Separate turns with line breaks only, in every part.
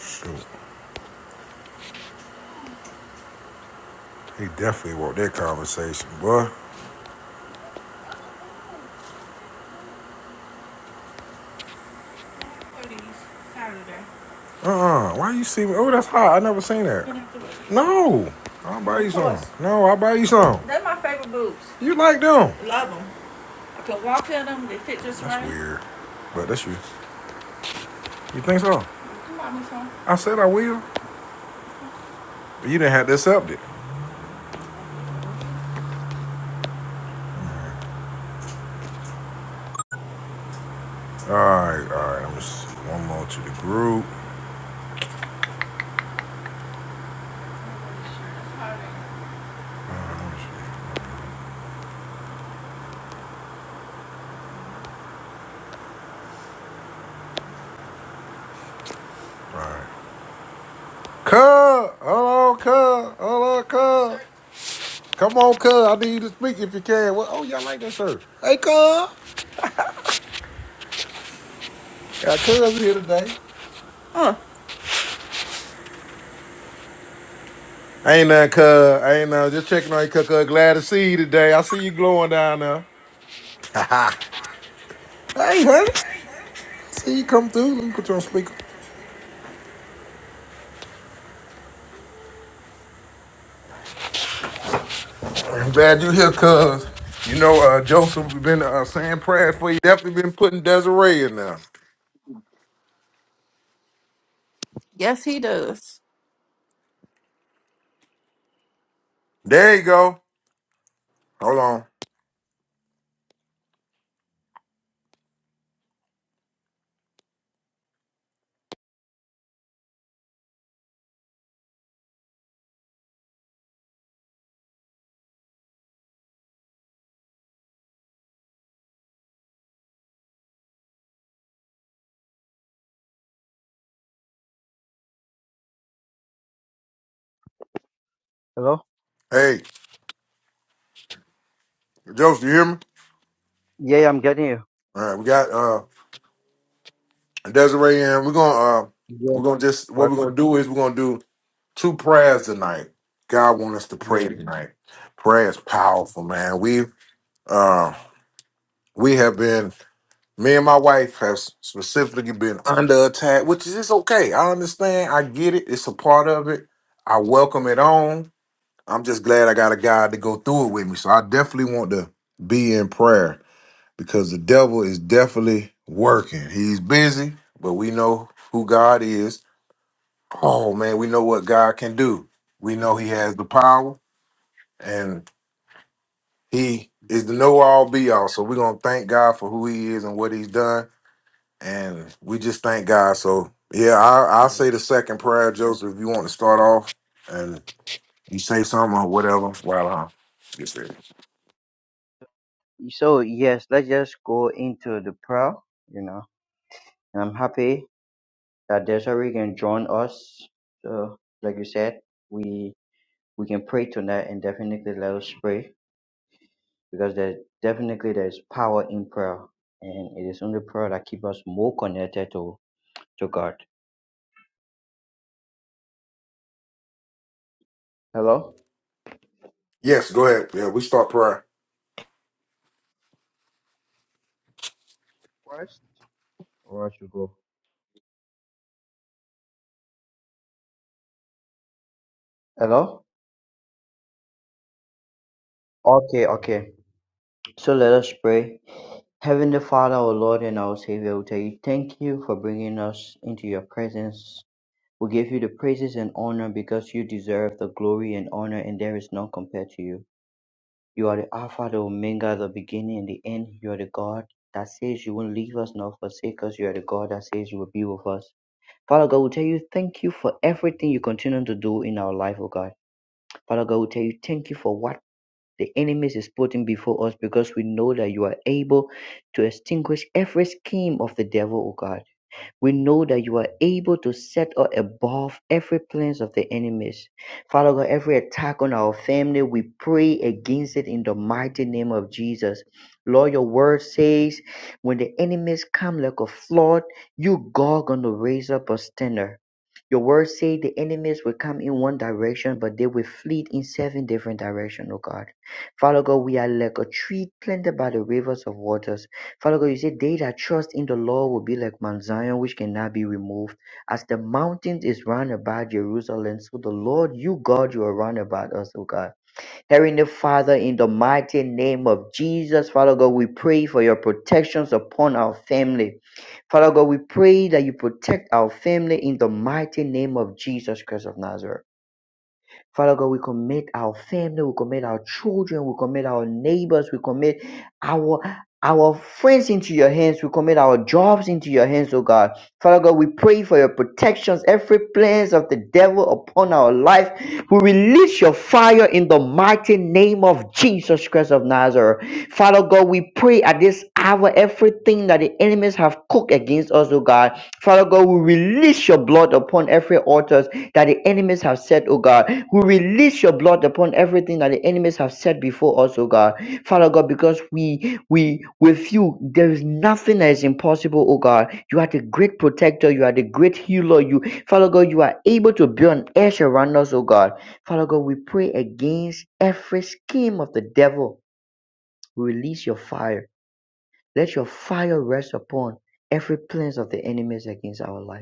Shoot, he definitely want that conversation, boy. Uh-uh. Why you see me? Oh, that's hot. I never seen that. No. I'll buy you some. No, I'll buy you some. You like them. I right. That's weird. But that's you. You think so? I said I will. But you didn't have to accept it. All right, all right. I'm just one more to the group. All right. all right. Cub, hello, cub, hello, cub. Come on, cuz. I need you to speak if you can. Well, oh, y'all like that shirt. Hey, cuz. Got cuz here today. Ain't nothing, cuz. Ain't nothing. Just checking on you, cuz. cuz. Glad to see you today. I see you glowing down there. Hey, honey. See you come through. Let me put you on speaker. I'm glad you're here, cuz. You know, uh, Joseph been uh, saying prayers for you. Definitely been putting Desiree in there.
Yes, he does.
There you go. Hold on.
Hello?
Hey, Joseph, you hear me?
Yeah, I'm getting you.
All right, we got uh Desiree in. We're gonna uh
Yeah.
we're gonna just what we're
Welcome.
gonna do is we're gonna do. two prayers tonight. God wants us to
Yeah.
pray tonight. Prayer is powerful, man. We uh we have been me and my wife have specifically been under attack, which is it's okay. I understand. I get it. It's a part of it. I welcome it on. I'm just glad I got a God to go through it with me. So I definitely want to be in prayer because the devil is definitely working. He's busy, but we know who God is. Oh man, we know what God can do. We know
hmm
He has the power. and he
Yeah.
is the know all be all. So we're gonna thank God for who he is and what he's done, and we just thank God. So yeah, I I'll
Yeah.
say the second prayer, Joseph, if you want to start off and you say something or whatever while I get ready.
So yes, let's just go into the prayer, you know. And I'm happy that Desiree can join us. So like you said, we we can pray tonight and definitely let us pray because there definitely there's power in prayer. And it is only prayer that keeps us more connected to, to God. Hello?
Yes, go ahead. Yeah, we start prayer.
First? Where should go? Hello? Okay, okay. So let us pray. Heavenly Father, our Lord and our Savior, we tell you thank you for bringing us into your presence. We give you the praises and honor because you deserve the glory and honor, and there is none compared to you. You are the Alpha, the Omega, the beginning and the end. You are the God that says you won't leave us nor forsake us. You are the God that says you will be with us. Father God, we tell you thank you for everything you continue to do in our life, oh God. Father God, we tell you thank you for what the enemy is putting before us because we know that you are able to extinguish every scheme of the devil, O God. We know that you are able to set us above every plans of the enemies. Father God, every attack on our family, we pray against it in the mighty name of Jesus. Lord, your word says, when the enemies come like a flood, you God gonna raise up a standard. Your word say the enemies will come in one direction, but they will flee in seven different directions, oh God. Father God, we are like a tree planted by the rivers of waters. Father God, you say, they that trust in the Lord will be like Mount Zion, which cannot be removed, as the mountains is round about Jerusalem. So the Lord, you God, you are round about us, O God. Heavenly Father, in the mighty name of Jesus, Father God, we pray for your protections upon our family. Father God, we pray that you protect our family in the mighty name of Jesus Christ of Nazareth. Father God, we commit our family, we commit our children, we commit our neighbors, we commit our our friends into your hands. We commit our jobs into your hands, oh God. Father God, we pray for your protections, every plans of the devil upon our life. We release your fire in the mighty name of Jesus Christ of Nazareth. Father God, we pray at this hour everything that the enemies have cooked against us, oh God. Father God, we release your blood upon every altar that the enemies have said, oh God. We release your blood upon everything that the enemies have said before us, oh God. Father God, because we we with you, there is nothing that is impossible, oh God. You are the great protector, you are the great healer. You Father God, you are able to be an edge around us, oh God. Father God, we pray against every scheme of the devil. Release your fire. Let your fire rest upon every plans of the enemies against our life.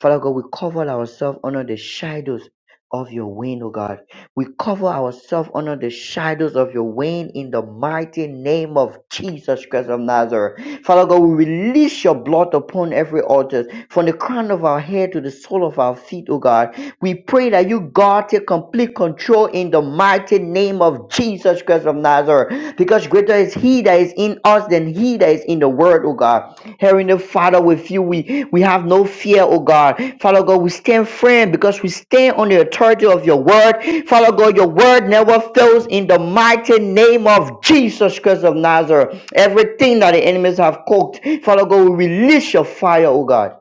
Father God, we cover ourselves under the shadows of your wing, O God. We cover ourselves under the shadows of your wing in the mighty name of Jesus Christ of Nazareth. Father God, we release your blood upon every altar, from the crown of our head to the sole of our feet, O God. We pray that you, God, take complete control in the mighty name of Jesus Christ of Nazareth, because greater is he that is in us than he that is in the world, O God. Heavenly Father, with you, we, we have no fear, oh God. Father God, we stand firm because we stand on the authority of your word. Father God, your word never fails in the mighty name of Jesus Christ of Nazareth. Everything that the enemies have cooked, Father God, we release your fire, oh God.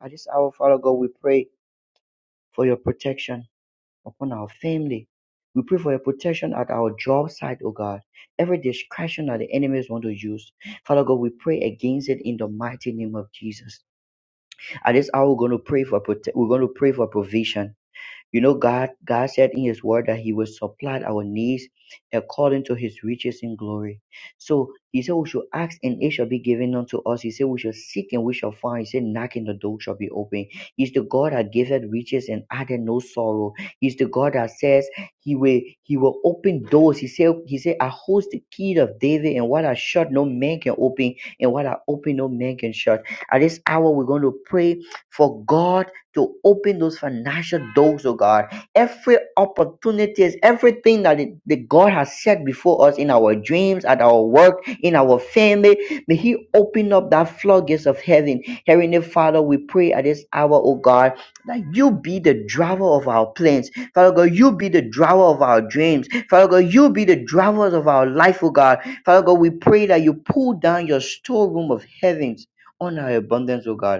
At this hour, Father God, we pray for your protection upon our family. We pray for your protection at our job site, oh God. Every distraction that the enemies want to use, Father God, we pray against it in the mighty name of Jesus and that's how we're going to pray for prote- we're going to pray for provision you know, God, God said in His Word that He will supply our needs according to His riches in glory. So He said we should ask and it shall be given unto us. He said we shall seek and we shall find. He said knock and the door shall be open. He's the God that giveth riches and added no sorrow. He's the God that says He will He will open doors. He said He said I host the key of David and what I shut no man can open and what I open no man can shut. At this hour we're going to pray for God to open those financial doors, oh God. Every opportunities, everything that, it, that God has set before us in our dreams, at our work, in our family, may He open up that floodgates of heaven. Heavenly Father, we pray at this hour, oh God, that you be the driver of our plans. Father God, you be the driver of our dreams. Father God, you be the driver of our life, oh God. Father God, we pray that you pull down your storeroom of heavens on our abundance, oh God.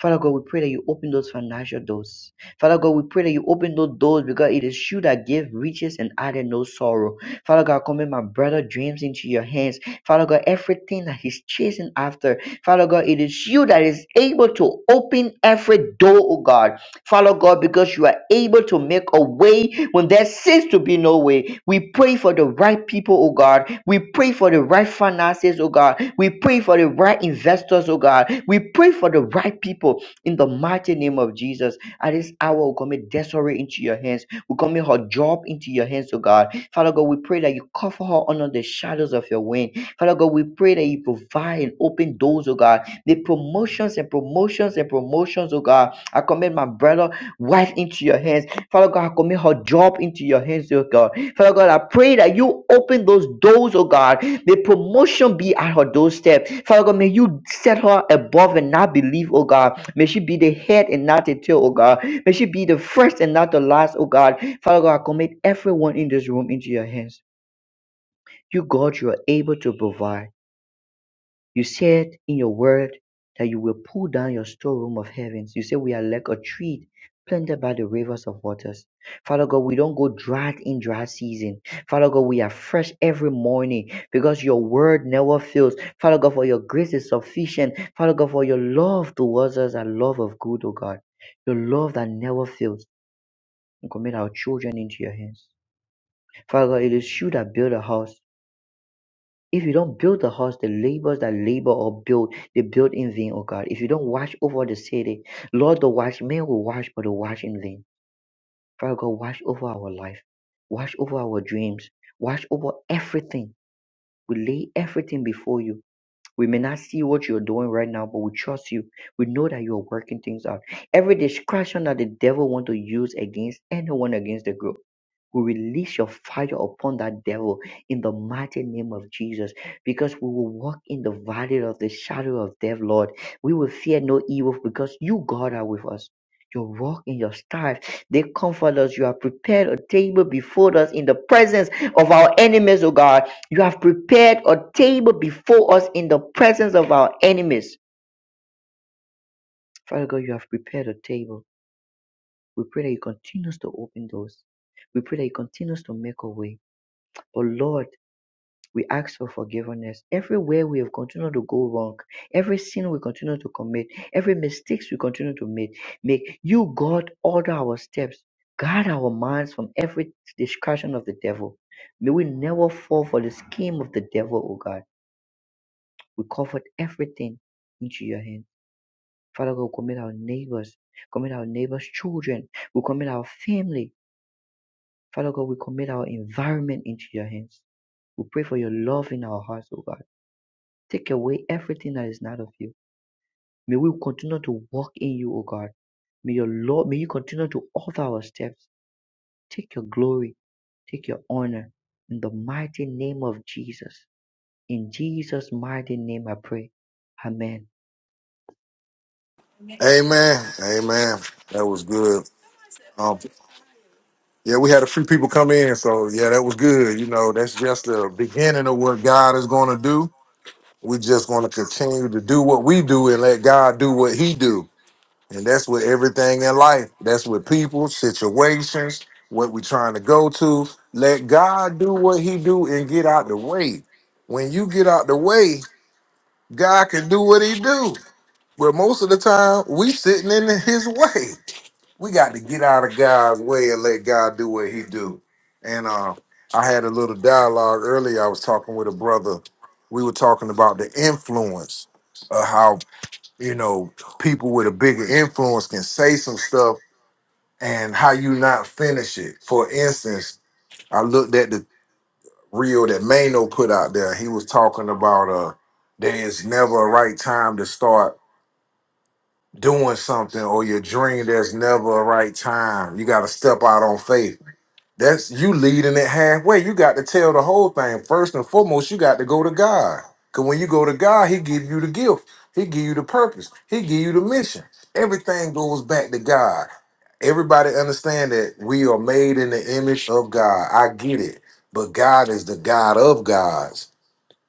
Father God, we pray that you open those financial doors. Father God, we pray that you open those doors because it is you that give riches and added no sorrow. Father God, commit my brother dreams into your hands. Father God, everything that he's chasing after. Father God, it is you that is able to open every door, oh God. Follow God, because you are able to make a way when there seems to be no way. We pray for the right people, oh God. We pray for the right finances, oh God. We pray for the right investors, oh God. We pray for the right people in the mighty name of Jesus. At this hour, we commit Desiree into your hands. We commit her job into your hands, oh God. Father God, we pray that you cover her under the shadows of your wing. Father God, we pray that you provide and open doors, oh God. The promotions and promotions and promotions, oh God I commit my brother, wife into your hands. Father God, I commit her job into your hands, oh God. Father God, I pray that you open those doors, oh God. May promotion be at her doorstep. Father God, may you set her above and not believe, oh God. May she be the head and not the tail, oh God. May she be the first and not the last, oh God. Father God, I commit everyone in this room into your hands. You, God, you are able to provide. You said in your word that you will pull down your storeroom of heavens. You say we are like a tree planted by the rivers of waters. Father God, we don't go dry in dry season. Father God, we are fresh every morning because your word never fails. Father God, for your grace is sufficient. Father God, for your love towards us, a love of good, O God. Your love that never fails. And commit our children into your hands. Father God, it is you that build a house. If you don't build the house, the laborers that labor or build, they build in vain, O God. If you don't watch over the city, Lord, the watchmen will watch, but they watch in vain. Father God, watch over our life, watch over our dreams, watch over everything. We lay everything before you. We may not see what you're doing right now, but we trust you. We know that you are working things out. Every distraction that the devil want to use against anyone against the growth. We release your fire upon that devil in the mighty name of Jesus because we will walk in the valley of the shadow of death, Lord. We will fear no evil because you, God, are with us. Your walk and your staff, they comfort us. You have prepared a table before us in the presence of our enemies, O God. You have prepared a table before us in the presence of our enemies. Father God, you have prepared a table. We pray that you continue to open doors. We pray that you continue to make a way. But Lord, We ask for forgiveness. Everywhere we have continued to go wrong, every sin we continue to commit, every mistakes we continue to make, make you, God, order our steps, guard our minds from every discussion of the devil. May we never fall for the scheme of the devil, O God. We covet everything into your hand. Father God, we commit our neighbors, commit our neighbors' children, we commit our family. Father God, we commit our environment into your hands. We pray for your love in our hearts, O God. Take away everything that is not of you. May we continue to walk in you, O God. May your Lord, may you continue to alter our steps. Take your glory, take your honor in the mighty name of Jesus. In Jesus' mighty name I pray. Amen.
Amen. Amen. That was good. Um, yeah, we had a few people come in, so yeah, that was good. You know, that's just the beginning of what God is gonna do. We just gonna continue to do what we do and let God do what He do And that's with everything in life. That's with people, situations, what we're trying to go to. Let God do what he do and get out the way. When you get out the way, God can do what he do. But most of the time, we sitting in his way. We got to get out of God's way and let God do what he do. And uh, I had a little dialogue earlier. I was talking with a brother. We were talking about the influence of how you know, people with a bigger influence can say some stuff and how you not finish it. For instance, I looked at the reel that Mano put out there. He was talking about uh there's never a right time to start doing something or your dream, there's never a right time. You gotta step out on faith. That's you leading it halfway. You got to tell the whole thing. First and foremost, you got to go to God. Cause when you go to God, He give you the gift. He give you the purpose. He give you the mission. Everything goes back to God. Everybody understand that we are made in the image of God. I get it. But God is the God of gods.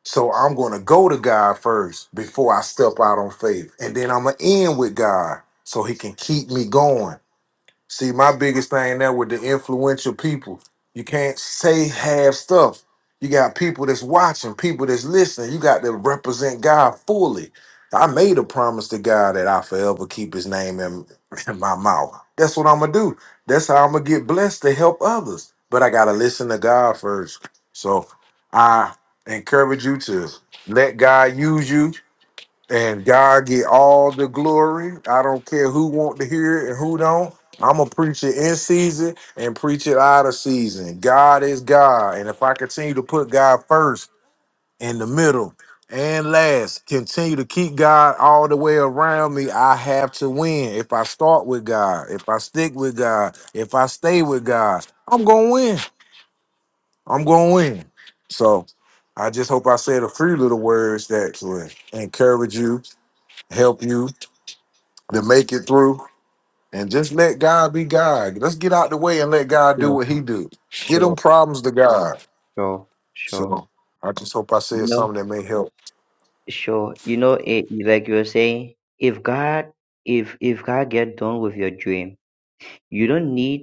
So I'm gonna go to God first before I step out on faith. And then I'm gonna end with God so He can keep me going. See, my biggest thing now with the influential people, you can't say half stuff. You got people that's watching, people that's listening. You got to represent God fully. I made a promise to God that I forever keep His name in, in my mouth. That's what I'm gonna do. That's how I'm gonna get blessed to help others. But I gotta listen to God first. So I encourage you to let God use you and God get all the glory. I don't care who want to hear it and who don't. I'm gonna preach it in season and preach it out of season. God is God, and if I continue to put God first in the middle and last, continue to keep God all the way around me, I have to win. If I start with God, if I stick with God, if I stay with God, I'm gonna win. I'm gonna win. So I just hope I said a few little words that will encourage you, help you, to make it through and just let God be God. Let's get out the way and let God do
Sure,
what he do. Get
sure,
them problems to God.
sure, sure.
So I just hope I
You
said
know,
something that may help.
sure. You know, it, like you were saying, if God, if if God get done with your dream, you don't need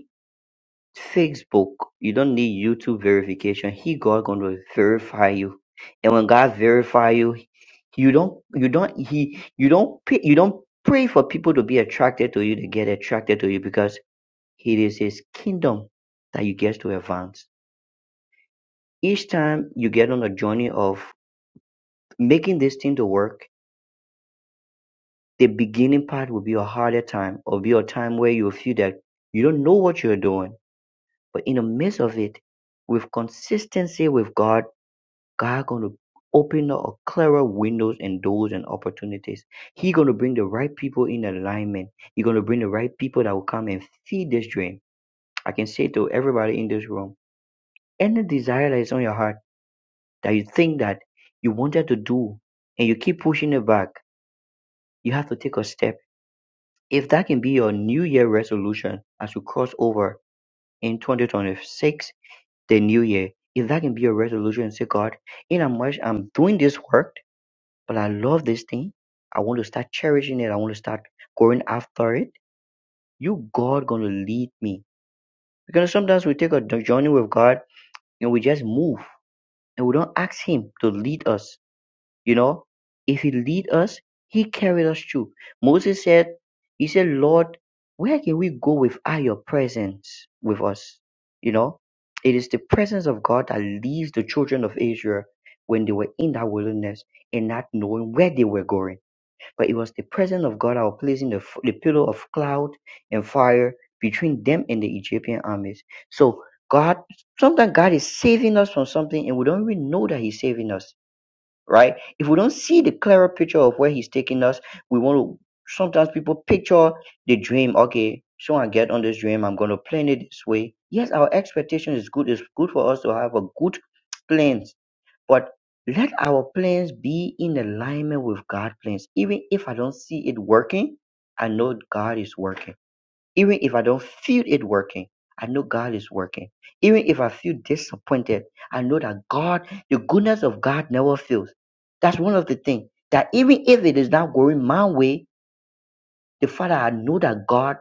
Facebook, you don't need YouTube verification. He God gonna verify you, and when God verify you, you don't you don't he you don't pay, you don't pray for people to be attracted to you to get attracted to you because it is His kingdom that you get to advance. Each time you get on a journey of making this thing to work, the beginning part will be a harder time, or be a time where you feel that you don't know what you're doing. But in the midst of it, with consistency with God God gonna open up a clearer windows and doors and opportunities. He gonna bring the right people in alignment. He gonna bring the right people that will come and feed this dream. I can say to everybody in this room, any desire that is on your heart that you think that you wanted to do and you keep pushing it back, you have to take a step. If that can be your new year resolution as you cross over in 2026, the new year, if that can be your resolution, say God, in how much I'm doing this work but I love this thing. I want to start cherishing it. I want to start going after it. You, God, gonna lead me. Because sometimes we take a d- journey with God and we just move and we don't ask Him to lead us. You know, if He lead us, He carried us through. Moses said, He said, Lord, where can we go without Your presence with us? You know, it is the presence of God that leads the children of Israel when they were in that wilderness and not knowing where they were going but it was the presence of God that was placing the, the pillar of cloud and fire between them and the Egyptian armies. So God, sometimes God is saving us from something and we don't even know that He's saving us, right? If we don't see the clearer picture of where He's taking us, we want to, sometimes people picture the dream. Okay, so I get on this dream, I'm going to plan it this way. Yes, our expectation is good. It's good for us to have a good plan but let our plans be in alignment with God's plans. Even if I don't see it working, I know God is working. Even if I don't feel it working, I know God is working. Even if I feel disappointed, I know that God, the goodness of God never fails. That's one of the things that even if it is not going my way, the father knows that God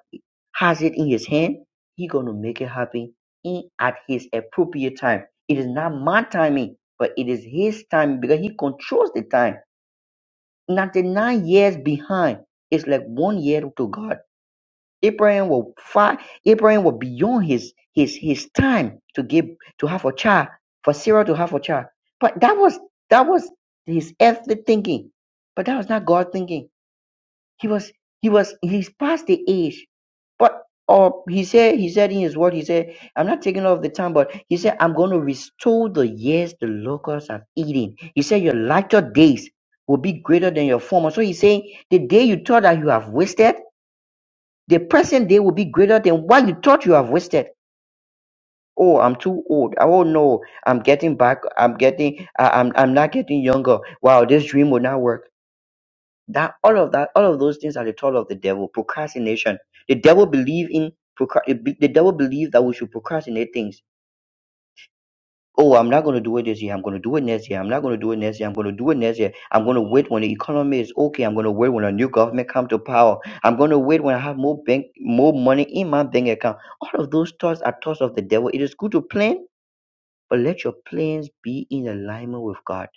has it in his hand. He gonna make it happen in at his appropriate time. It is not my timing, but it is his timing because he controls the time. 99 years behind is like one year to God. Abraham was far, Abraham was beyond his his his time to give to have a child, for Sarah to have a child. But that was that was his earthly thinking. But that was not God thinking. He was he was he's past the age. But or he said he said in his word, he said, I'm not taking off the time, but he said, I'm gonna restore the years the locusts have eaten. He said, Your latter days will be greater than your former. So he's saying the day you thought that you have wasted, the present day will be greater than what you thought you have wasted. Oh, I'm too old. Oh no, I'm getting back. I'm getting. I- I'm. I'm not getting younger. Wow, this dream will not work. That all of that, all of those things are the tool of the devil. Procrastination. The devil believe in procra- the devil believe that we should procrastinate things. Oh, I'm not going to do it this year. I'm going to do it next year. I'm not going to do it next year. I'm going to do it next year. I'm going to wait when the economy is okay. I'm going to wait when a new government come to power. I'm going to wait when I have more bank, more money in my bank account. All of those thoughts are thoughts of the devil. It is good to plan, but let your plans be in alignment with God.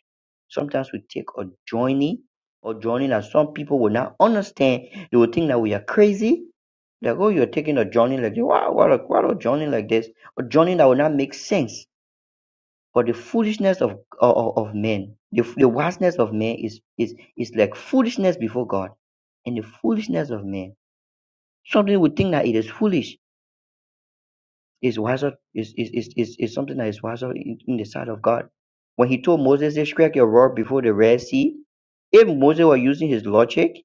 Sometimes we take a journey, a journey that some people will not understand. They will think that we are crazy. Like, oh, you're taking a journey like this. Wow, what a, what a journey like this. A journey that will not make sense. But the foolishness of of, of men, the, the vastness of men is, is, is like foolishness before God. And the foolishness of men. Something we think that it is foolish is wiser is is is is, is something that is wiser in, in the sight of God. When he told Moses, "Say, strike your rod before the Red Sea," if Moses were using his logic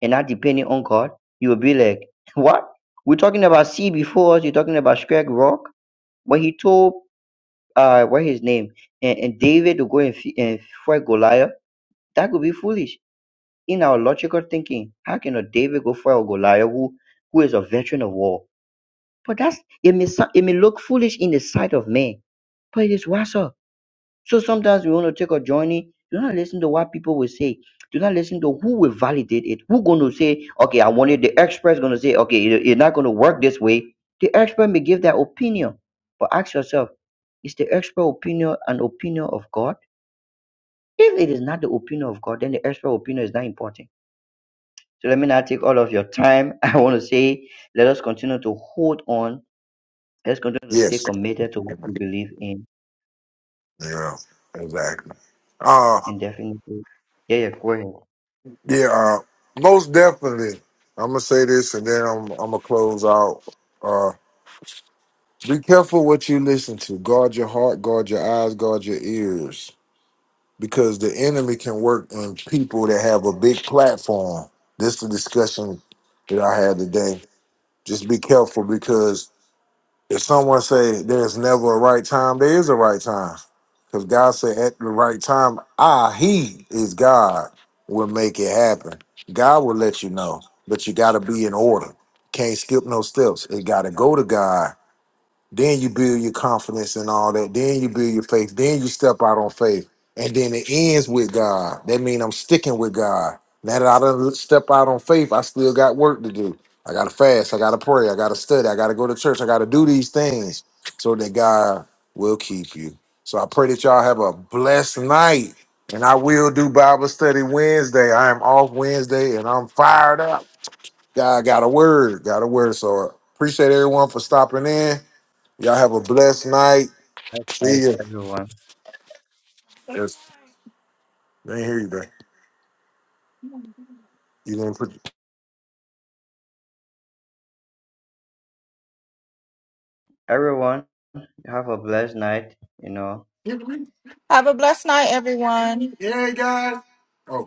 and not depending on God, he would be like, "What? We're talking about sea before us. You're talking about strike rock." When he told uh what his name and, and David to go and, f- and fight Goliath, that could be foolish in our logical thinking. How can a David go fight a Goliath who who is a veteran of war? But that's it may sou- it may look foolish in the sight of man but it is WhatsApp. So sometimes we want to take a journey. Do not listen to what people will say. Do not listen to who will validate it. Who going to say, okay, I want it. The expert's going to say, okay, it- it's not going to work this way. The expert may give their opinion, but ask yourself, is the expert opinion an opinion of God? If it is not the opinion of God, then the expert opinion is not important. So let me not take all of your time. I want to say, let us continue to hold on. Let's continue to stay
Yes.
committed to what we believe in,
Yeah, exactly. Uh
and definitely, yeah, yeah, go ahead.
yeah, uh most definitely. I'm gonna say this and then I'm I'm gonna close out. Uh be careful what you listen to. Guard your heart, guard your eyes, guard your ears. because the enemy can work in people that have a big platform. This is the discussion that I had today. Just be careful because if someone say there's never a right time, there is a right time. Because God said at the right time, I, He is God, will make it happen. God will let you know, but you got to be in order. Can't skip no steps. It got to go to God then you build your confidence and all that. Then you build your faith. Then you step out on faith. And then it ends with God. That means I'm sticking with God. Now that I done step out on faith, I still got work to do. I gotta fast. I gotta pray. I gotta study. I gotta go to church. I gotta do these things so that God will keep you. So I pray that y'all have a blessed night. And I will do Bible study Wednesday. I am off Wednesday and I'm fired up. God got a word. Got a word. So appreciate everyone for stopping in. Y'all have a blessed night.
All right,
See you.
Everyone,
Yes. I didn't hear you, bro. You gonna put?
everyone, have a blessed night. You know.
Have a blessed night, everyone. Yeah, guys. Oh.